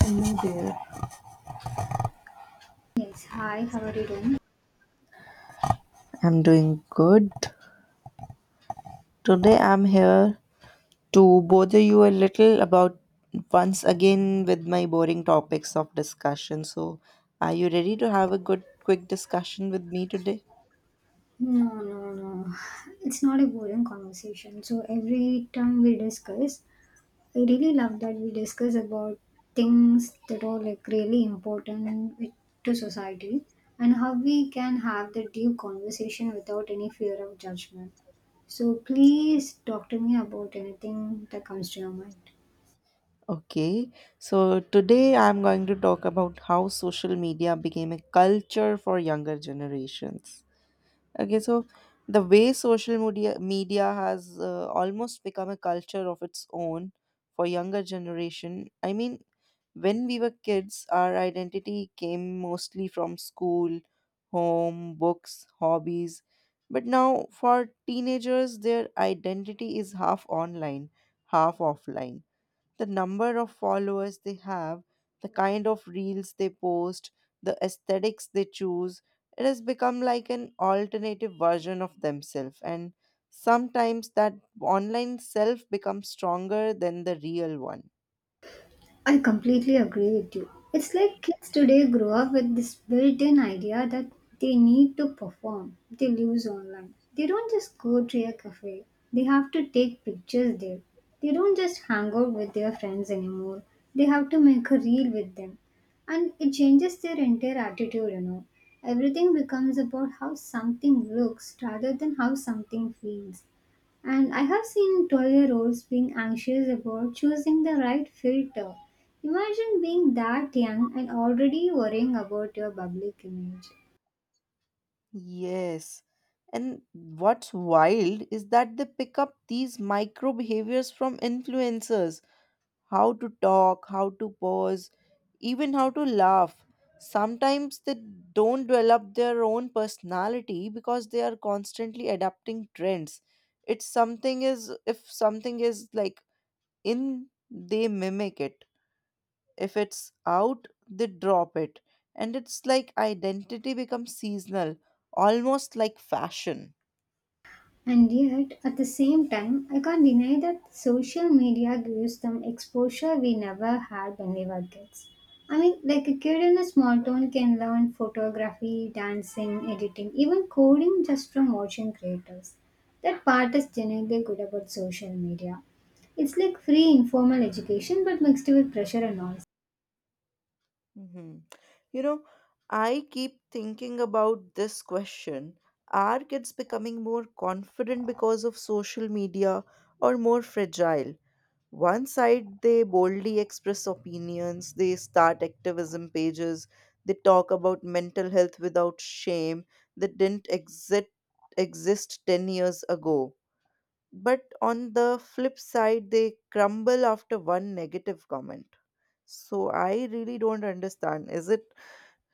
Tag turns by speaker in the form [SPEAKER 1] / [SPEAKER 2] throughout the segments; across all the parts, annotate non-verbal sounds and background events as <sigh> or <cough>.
[SPEAKER 1] Hello there.
[SPEAKER 2] Yes, hi, how are you doing?
[SPEAKER 1] I'm doing good. Today I'm here to bother you a little about once again with my boring topics of discussion. So, are you ready to have a good, quick discussion with me today?
[SPEAKER 2] No, no, no. It's not a boring conversation. So every time we discuss, I really love that we discuss about things that are like really important to society, and how we can have the deep conversation without any fear of judgment. So please talk to me about anything that comes to your mind.
[SPEAKER 1] Okay. So, today I'm going to talk about how social media became a culture for younger generations. Okay. So, the way social media has almost become a culture of its own for younger generation i mean when we were kids, our identity came mostly from school, home, books, hobbies. But now, for teenagers, their identity is half online, half offline. The number of followers they have, the kind of reels they post, the aesthetics they choose, it has become like an alternative version of themselves. And sometimes that online self becomes stronger than the real one.
[SPEAKER 2] I completely agree with you. It's like kids today grow up with this built in idea that they need to perform, they lose online. They don't just go to a cafe, they have to take pictures there. They don't just hang out with their friends anymore, they have to make a reel with them. And it changes their entire attitude, you know. Everything becomes about how something looks rather than how something feels. And I have seen 12-year-olds being anxious about choosing the right filter. Imagine being that young and already worrying about your public image.
[SPEAKER 1] Yes. And what's wild is that they pick up these micro behaviors from influencers, how to talk, how to pause, even how to laugh. Sometimes they don't develop their own personality because they are constantly adapting trends. It's something is if something is like in, they mimic it. If it's out, they drop it. And it's like identity becomes seasonal, almost like fashion.
[SPEAKER 2] And yet, at the same time, I can't deny that social media gives them exposure we never had when we were kids. I mean, like a kid in a small town can learn photography, dancing, editing, even coding just from watching creators. That part is genuinely good about social media. It's like free informal education but mixed with pressure and all.
[SPEAKER 1] Mhm. You know, I keep thinking about this question. Are kids becoming more confident because of social media or more fragile? One side, they boldly express opinions, they start activism pages, they talk about mental health without shame that didn't exist 10 years ago. But on the flip side, they crumble after one negative comment. So I really don't understand. Is it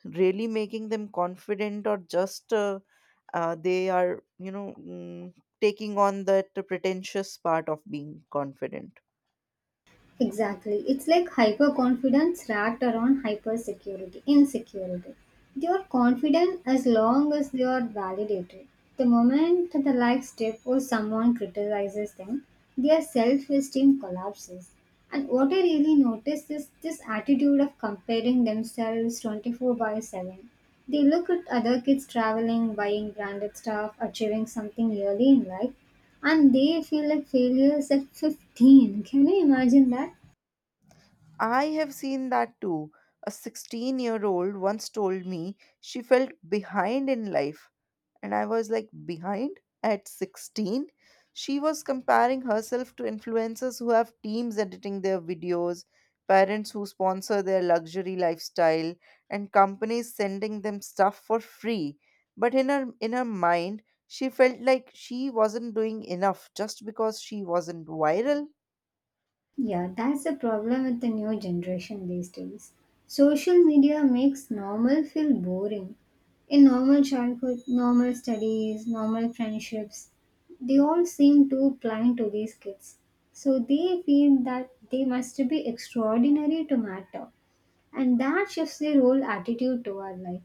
[SPEAKER 1] really making them confident or just they are, taking on that pretentious part of being confident?
[SPEAKER 2] Exactly. It's like hyperconfidence wrapped around hypersecurity, insecurity. You're confident as long as you're validated. The moment the likes dip or someone criticizes them, their self esteem collapses. And what I really noticed is this attitude of comparing themselves 24 by 7. They look at other kids traveling, buying branded stuff, achieving something early in life, and they feel like failures at 15. Can you imagine that?
[SPEAKER 1] I have seen that too. A 16-year-old once told me she felt behind in life and I was like, behind at 16? She was comparing herself to influencers who have teams editing their videos, parents who sponsor their luxury lifestyle, and companies sending them stuff for free. But in her mind, she felt like she wasn't doing enough just because she wasn't viral.
[SPEAKER 2] Yeah, that's the problem with the new generation these days. Social media makes normal feel boring. In normal childhood, normal studies, normal friendships, they all seem too plain to these kids. So they feel that they must be extraordinary to matter. And that shifts their whole attitude toward life.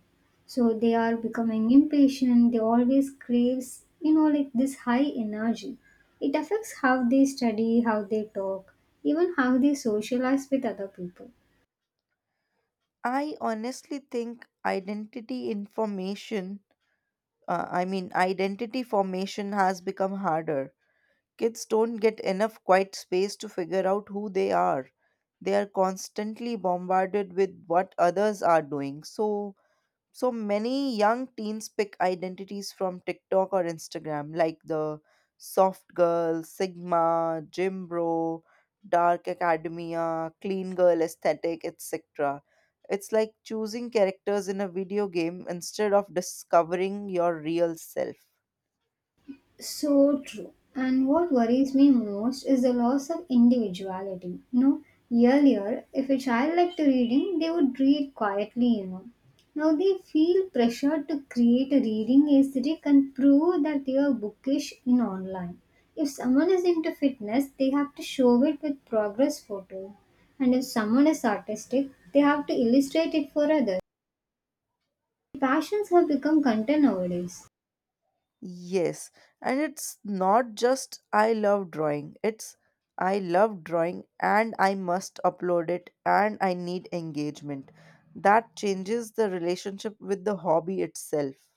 [SPEAKER 2] So they are becoming impatient. They always craves, you know, like this high energy. It affects how they study, how they talk, even how they socialize with other people.
[SPEAKER 1] I honestly think identity information, I mean, identity formation has become harder. Kids don't get enough quiet space to figure out who they are. They are constantly bombarded with what others are doing. So, so many young teens pick identities from TikTok or Instagram, like the soft girl, Sigma, gym bro, dark academia, clean girl aesthetic, etc. It's like choosing characters in a video game instead of discovering your real self.
[SPEAKER 2] So true. And what worries me most is the loss of individuality. You know, earlier, if a child liked reading, they would read quietly, you know. Now they feel pressured to create a reading aesthetic and prove that they are bookish in online. If someone is into fitness, they have to show it with progress photo. And if someone is artistic, they have to illustrate it for others. Passions have become content nowadays.
[SPEAKER 1] Yes, and it's not just I love drawing, it's I love drawing and I must upload it and I need engagement. That changes the relationship with the hobby itself.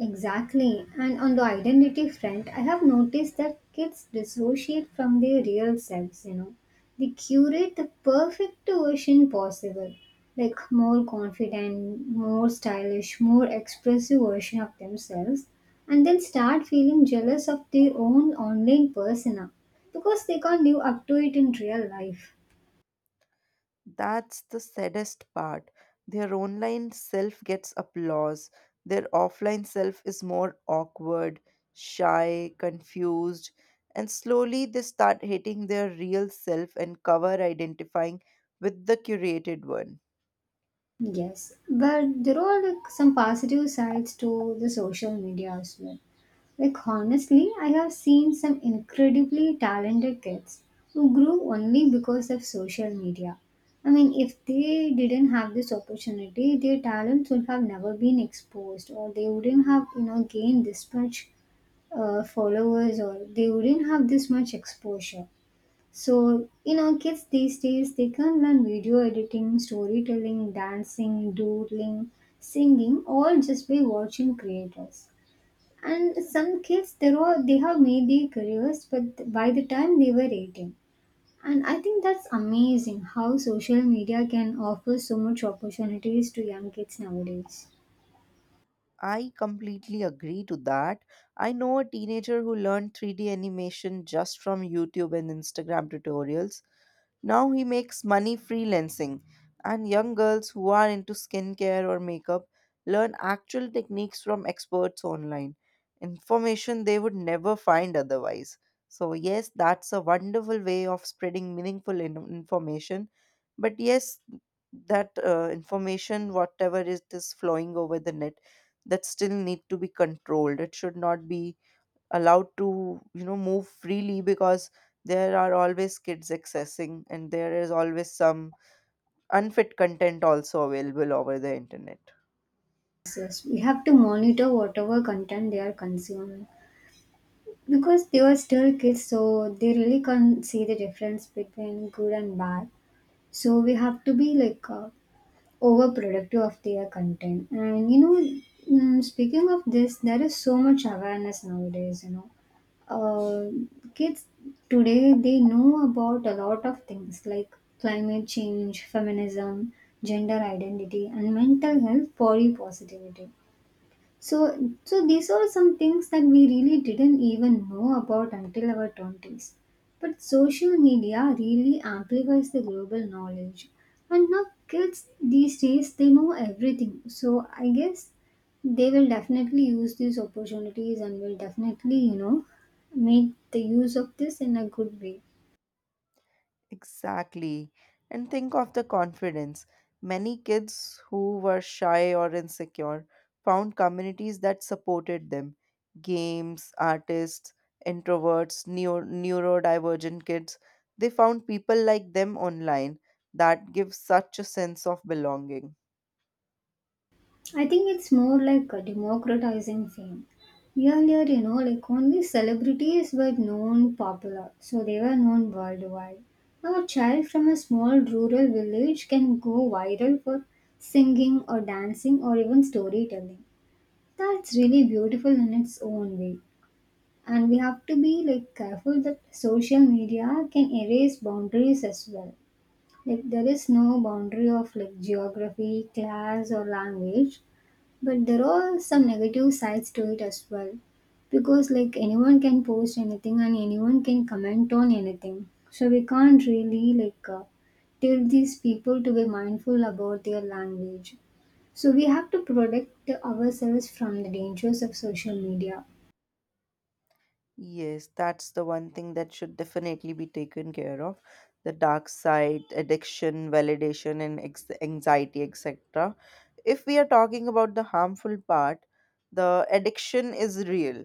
[SPEAKER 2] Exactly. And on the identity front, I have noticed that kids dissociate from their real selves, you know. They curate the perfect version possible, like more confident, more stylish, more expressive version of themselves, and then start feeling jealous of their own online persona because they can't live up to it in real life.
[SPEAKER 1] That's the saddest part. Their online self gets applause, their offline self is more awkward, shy, confused, and slowly they start hating their real self and cover identifying with the curated one.
[SPEAKER 2] Yes, but there are like some positive sides to the social media as well. Like honestly, I have seen some incredibly talented kids who grew only because of social media. I mean, if they didn't have this opportunity, their talents would have never been exposed, or they wouldn't have, you know, gained this much followers, or they wouldn't have this much exposure. So, you know, kids these days they can learn video editing, storytelling, dancing, doodling, singing, all just by watching creators. And some kids, they have made their careers, but by the time they were 18. And I think that's amazing how social media can offer so much opportunities to young kids nowadays.
[SPEAKER 1] I completely agree to that. I know a teenager who learned 3D animation just from YouTube and Instagram tutorials. Now he makes money freelancing, and young girls who are into skincare or makeup learn actual techniques from experts online, information they would never find otherwise. So, yes, that's a wonderful way of spreading meaningful information. But, yes, that information, whatever it is flowing over the net, that still need to be controlled. It should not be allowed to, you know, move freely, because there are always kids accessing and there is always some unfit content also available over the internet.
[SPEAKER 2] Yes, we have to monitor whatever content they are consuming because they are still kids, so they really can't see the difference between good and bad. So we have to be like overproductive of their content. And you know, speaking of this, there is so much awareness nowadays. You know, kids today they know about a lot of things like climate change, feminism, gender identity, and mental health, body positivity. So, so these are some things that we really didn't even know about until our 20s. But social media really amplifies the global knowledge. And now kids these days they know everything. So I guess they will definitely use these opportunities and will definitely, you know, make the use of this in a good way.
[SPEAKER 1] Exactly. And think of the confidence. Many kids who were shy or insecure found communities that supported them. Games, artists, introverts, neurodivergent kids, they found people like them online that gives such a sense of belonging.
[SPEAKER 2] I think it's more like a democratizing fame. Earlier, you know, like only celebrities were known popular, so they were known worldwide. Now, a child from a small rural village can go viral for singing or dancing or even storytelling. That's really beautiful in its own way. And we have to be like careful that social media can erase boundaries as well. Like there is no boundary of like geography, class or language, but there are some negative sides to it as well, because like anyone can post anything and anyone can comment on anything, so we can't really like tell these people to be mindful about their language. So we have to protect ourselves from the dangers of social media.
[SPEAKER 1] Yes, that's the one thing that should definitely be taken care of. The dark side, addiction, validation, and anxiety, etc. If we are talking about the harmful part, the addiction is real.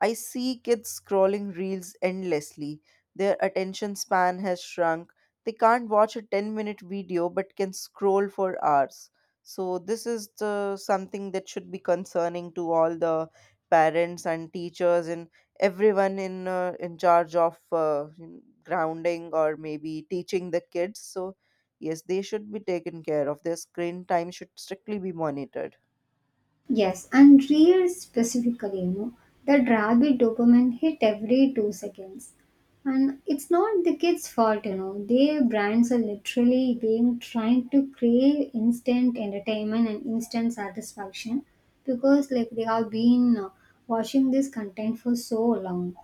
[SPEAKER 1] I see kids scrolling reels endlessly. Their attention span has shrunk. They can't watch a 10-minute video but can scroll for hours. So, this is the something that should be concerning to all the parents and teachers, in everyone in charge of in grounding or maybe teaching the kids. So yes, they should be taken care of. Their screen time should strictly be monitored.
[SPEAKER 2] Yes, and reels specifically, you know, that rabid dopamine hit every 2 seconds. And it's not the kids' fault, you know. Their brands are literally being trying to crave instant entertainment and instant satisfaction because like they have been watching this content for so long.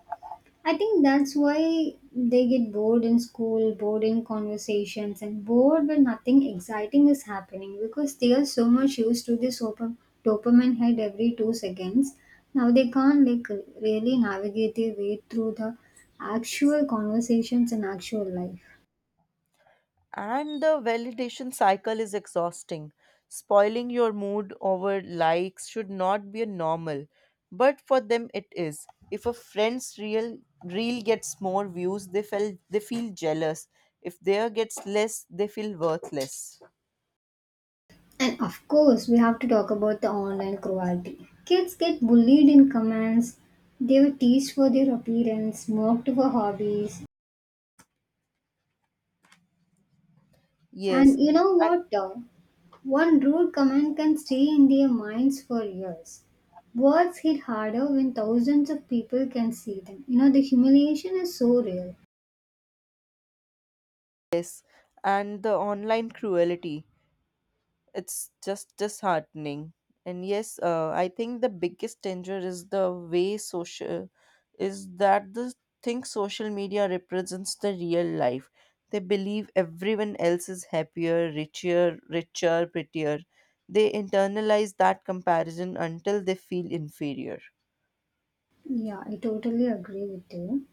[SPEAKER 2] I think that's why they get bored in school, bored in conversations, and bored when nothing exciting is happening because they are so much used to this open, dopamine head every 2 seconds. Now they can't like really navigate their way through the actual conversations and actual life.
[SPEAKER 1] And the validation cycle is exhausting. Spoiling your mood over likes should not be a normal, but for them it is. If a friend's real reel gets more views, they feel jealous. If their gets less, they feel worthless.
[SPEAKER 2] And of course, we have to talk about the online cruelty. Kids get bullied in comments, they were teased for their appearance, mocked for hobbies, and
[SPEAKER 1] Yes.
[SPEAKER 2] you know what? One rude comment can stay in their minds for years. Words hit harder when thousands of people can see them. You know, the humiliation is so real.
[SPEAKER 1] Yes, and the online cruelty. It's just disheartening. And yes, I think the biggest danger is the way social is that the thing social media represents the real life. They believe everyone else is happier, richer, prettier. They internalize that comparison until they feel inferior.
[SPEAKER 2] Yeah, I totally agree with you.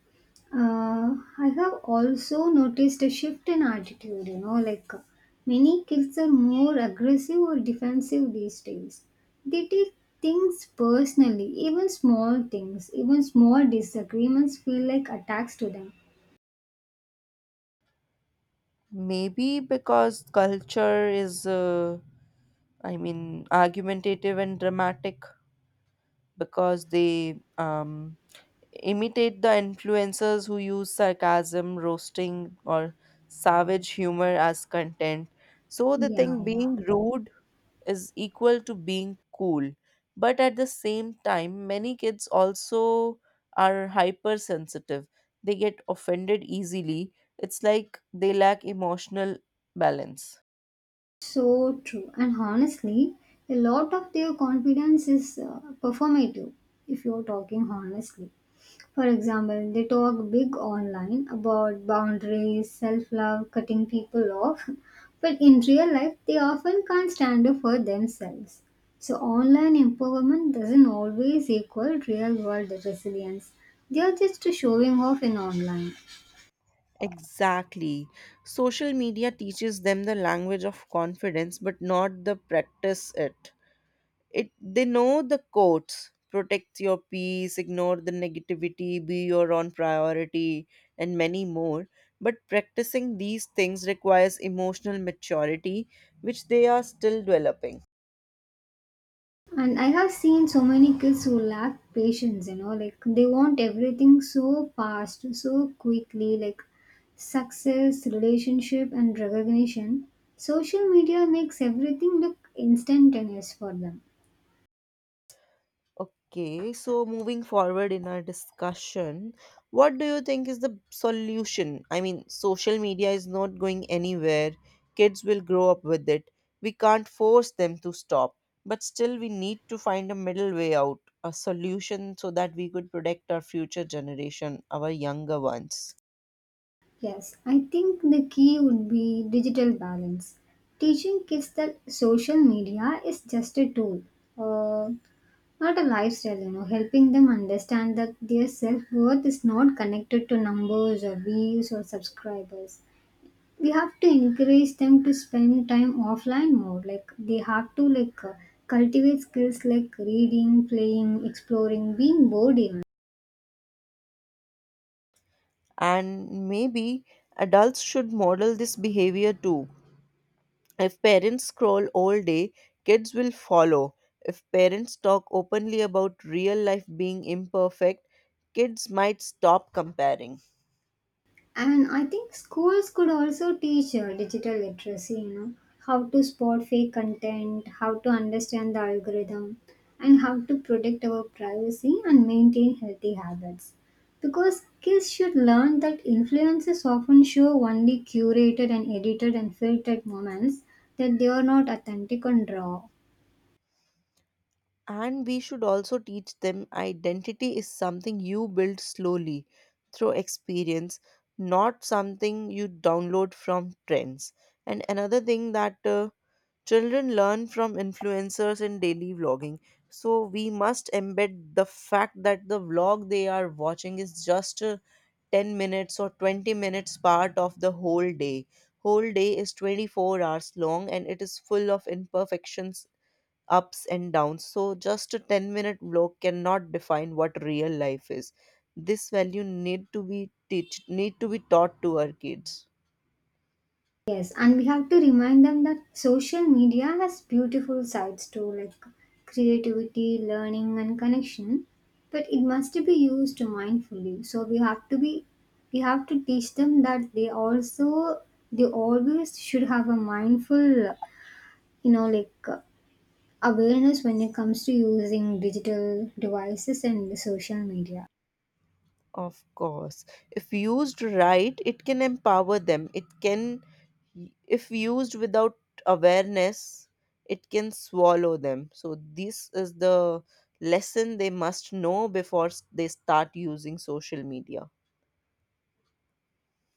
[SPEAKER 2] I have also noticed a shift in attitude, you know, like many kids are more aggressive or defensive these days. They take things personally, even small things, even small disagreements feel like attacks to them.
[SPEAKER 1] Maybe because culture is, argumentative and dramatic, because they imitate the influencers who use sarcasm, roasting, or savage humor as content. So they
[SPEAKER 2] Yeah,
[SPEAKER 1] think
[SPEAKER 2] yeah.
[SPEAKER 1] being rude is equal to being cool. But at the same time, many kids also are hypersensitive. They get offended easily. It's like they lack emotional balance.
[SPEAKER 2] So true. And honestly, a lot of their confidence is performative if you're talking honestly. For example, they talk big online about boundaries, self love, cutting people off, <laughs> but in real life, they often can't stand up for themselves. So, online empowerment doesn't always equal real world resilience. They are just showing off in online.
[SPEAKER 1] Exactly. Social media teaches them the language of confidence, but not the practice it. It they know the quotes. Protect your peace, ignore the negativity, be your own priority, and many more. But practicing these things requires emotional maturity, which they are still developing.
[SPEAKER 2] And I have seen so many kids who lack patience, you know, like they want everything so fast, so quickly, like success, relationship, and recognition. Social media makes everything look instantaneous for them.
[SPEAKER 1] Okay, so moving forward in our discussion, what do you think is the solution? I mean, social media is not going anywhere. Kids will grow up with it. We can't force them to stop, but still, we need to find a middle way out, a solution so that we could protect our future generation, our younger ones.
[SPEAKER 2] Yes, I think the key would be digital balance. Teaching kids that social media is just a tool. Uh, Not a lifestyle, you know, helping them understand that their self worth is not connected to numbers or views or subscribers. We have to encourage them to spend time offline more. Like they have to like cultivate skills like reading, playing, exploring, being bored even.
[SPEAKER 1] And maybe adults should model this behavior too. If parents scroll all day, kids will follow. If parents talk openly about real life being imperfect, kids might stop comparing.
[SPEAKER 2] And I think schools could also teach digital literacy, you know, how to spot fake content, how to understand the algorithm, and how to protect our privacy and maintain healthy habits. Because kids should learn that influences often show only curated and edited and filtered moments, that they are not authentic and raw.
[SPEAKER 1] And we should also teach them identity is something you build slowly through experience, not something you download from trends. And another thing that children learn from influencers in daily vlogging. So we must embed the fact that the vlog they are watching is just a 10 minutes or 20 minutes part of the whole day. Whole day is 24 hours long and it is full of imperfections, ups and downs, so just a 10-minute block cannot define what real life is. This value need to be teach need to be taught to our kids.
[SPEAKER 2] Yes, and we have to remind them that social media has beautiful sides too, like creativity, learning, and connection. But it must be used mindfully. So we have to teach them that they always should have a mindful, you know, like awareness when it comes to using digital devices and the social media.
[SPEAKER 1] Of course. If used right, it can empower them. It can, if used without awareness, it can swallow them. So, this is the lesson they must know before they start using social media.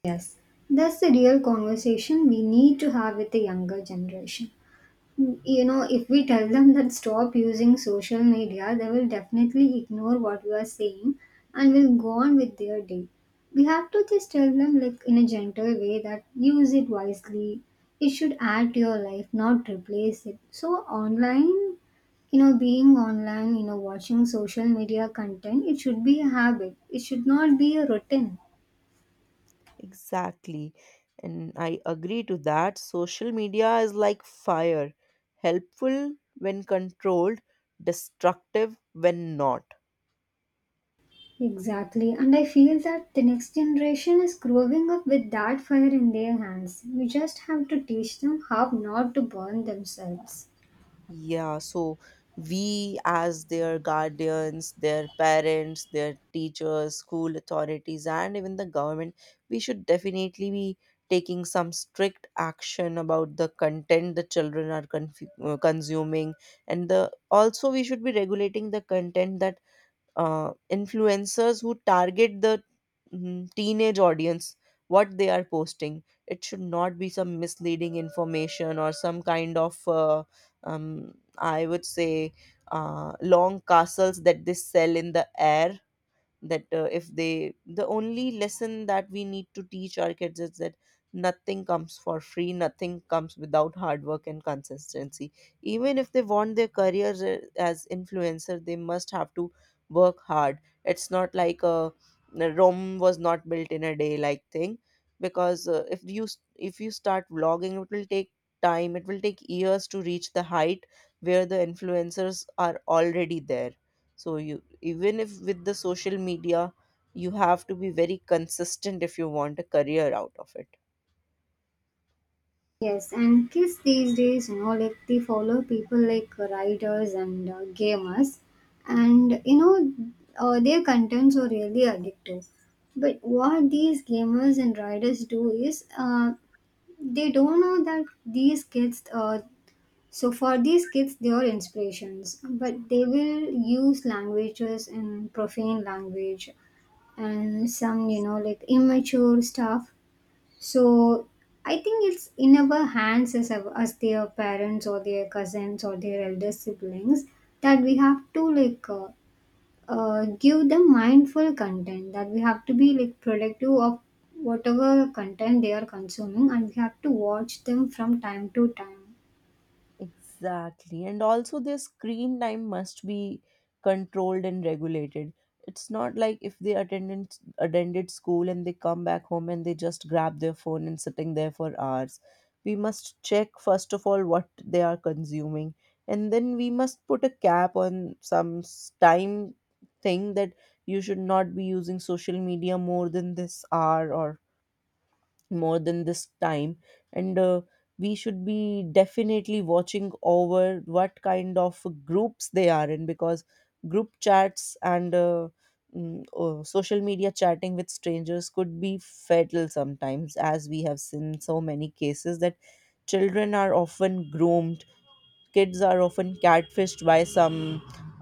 [SPEAKER 2] Yes, that's the real conversation we need to have with the younger generation. You know, if we tell them that stop using social media they will definitely ignore what we are saying and will go on with their day. We have to just tell them like in a gentle way that use it wisely. It should add to your life, not replace it. So online, you know, being online, you know, watching social media content, it should be a habit, it should not be a routine.
[SPEAKER 1] Exactly. And I agree to that. Social media is like fire, helpful when controlled, destructive when not.
[SPEAKER 2] Exactly, and I feel that the next generation is growing up with that fire in their hands. We just have to teach them how not to burn themselves.
[SPEAKER 1] Yeah, so we, as their guardians, their parents, their teachers, school authorities, and even the government, we should definitely be taking some strict action about the content the children are consuming. And the also we should be regulating the content that influencers who target the teenage audience, what they are posting, it should not be some misleading information or some kind of I would say, long castles that they sell in the air. That if they, the only lesson that we need to teach our kids is that nothing comes for free, nothing comes without hard work and consistency. Even if they want their careers as influencer, they must have to work hard. It's not like a Rome was not built in a day like thing. Because if you start vlogging, it will take time, it will take years to reach the height where the influencers are already there. So you, even if with the social media, you have to be very consistent if you want a career out of it.
[SPEAKER 2] Yes, and kids these days, you know, like they follow people like writers and gamers, and you know, their contents are really addictive. But what these gamers and writers do is, they don't know that these kids, so for these kids, they are inspirations, but they will use languages and profane language and some, you know, like immature stuff. So I think it's in our hands as, as their parents or their cousins or their elder siblings that we have to give them mindful content, that we have to be like productive of whatever content they are consuming and we have to watch them from time to time.
[SPEAKER 1] Exactly. And also, their screen time must be controlled and regulated. It's not like if they attended school and they come back home and they just grab their phone and sitting there for hours. We must check first of all what they are consuming, and then we must put a cap on some time thing that you should not be using social media more than this hour or more than this time. And we should be definitely watching over what kind of groups they are in, because group chats and social media chatting with strangers could be fatal sometimes, as we have seen so many cases that children are often groomed, kids are often catfished by some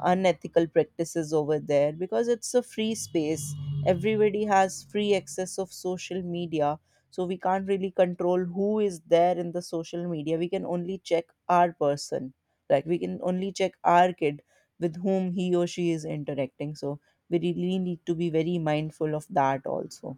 [SPEAKER 1] unethical practices over there, because it's a free space. Everybody has free access of social media, so we can't really control who is there in the social media. We can only check our person, like we can only check our kid, with whom he or she is interacting. So we really need to be very mindful of that also.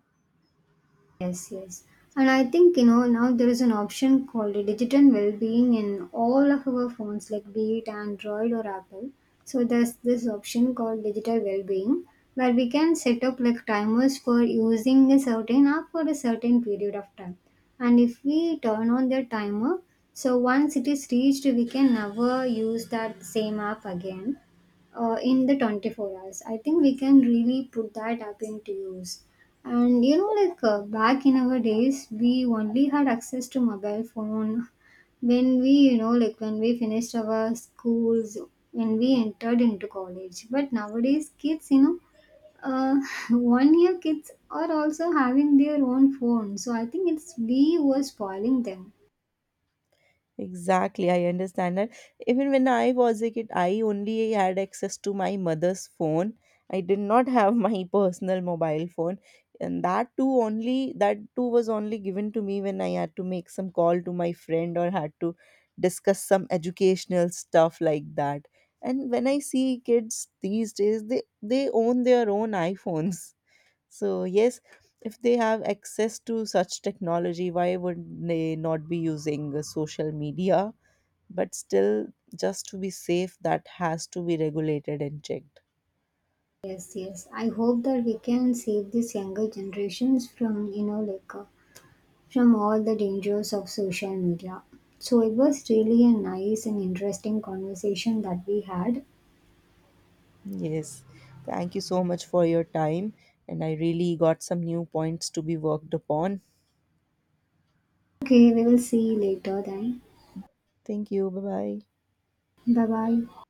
[SPEAKER 2] Yes, yes. And I think, you know, now there is an option called a digital well-being in all of our phones, like be it Android or Apple. So there's this option called digital well-being where we can set up like timers for using a certain app for a certain period of time. And if we turn on the timer, so once it is reached, we can never use that same app again in the 24 hours. I think we can really put that app into use. And you know, like back in our days we only had access to mobile phone when we, you know, like when we finished our schools, when we entered into college. But nowadays kids, you know, uh, <laughs> 1 year kids are also having their own phone, so I think it's we were spoiling them.
[SPEAKER 1] Exactly, I understand that. Even when I was a kid, I only had access to my mother's phone. I did not have my <laughs> personal mobile phone, and that too was only given to me when I had to make some call to my friend or had to discuss some educational stuff like that. And when I see kids these days, they own their own <laughs> iPhones. So, yes, if they have access to such technology, why would they not be using social media? But still, just to be safe, that has to be regulated and checked.
[SPEAKER 2] Yes, yes, I hope that we can save these younger generations from, you know, from all the dangers of social media. So it was really a nice and interesting conversation that we had.
[SPEAKER 1] Yes, thank you so much for your time. And I really got some new points to be worked upon.
[SPEAKER 2] Okay, we will see you later then.
[SPEAKER 1] Thank you. Bye bye.
[SPEAKER 2] Bye bye.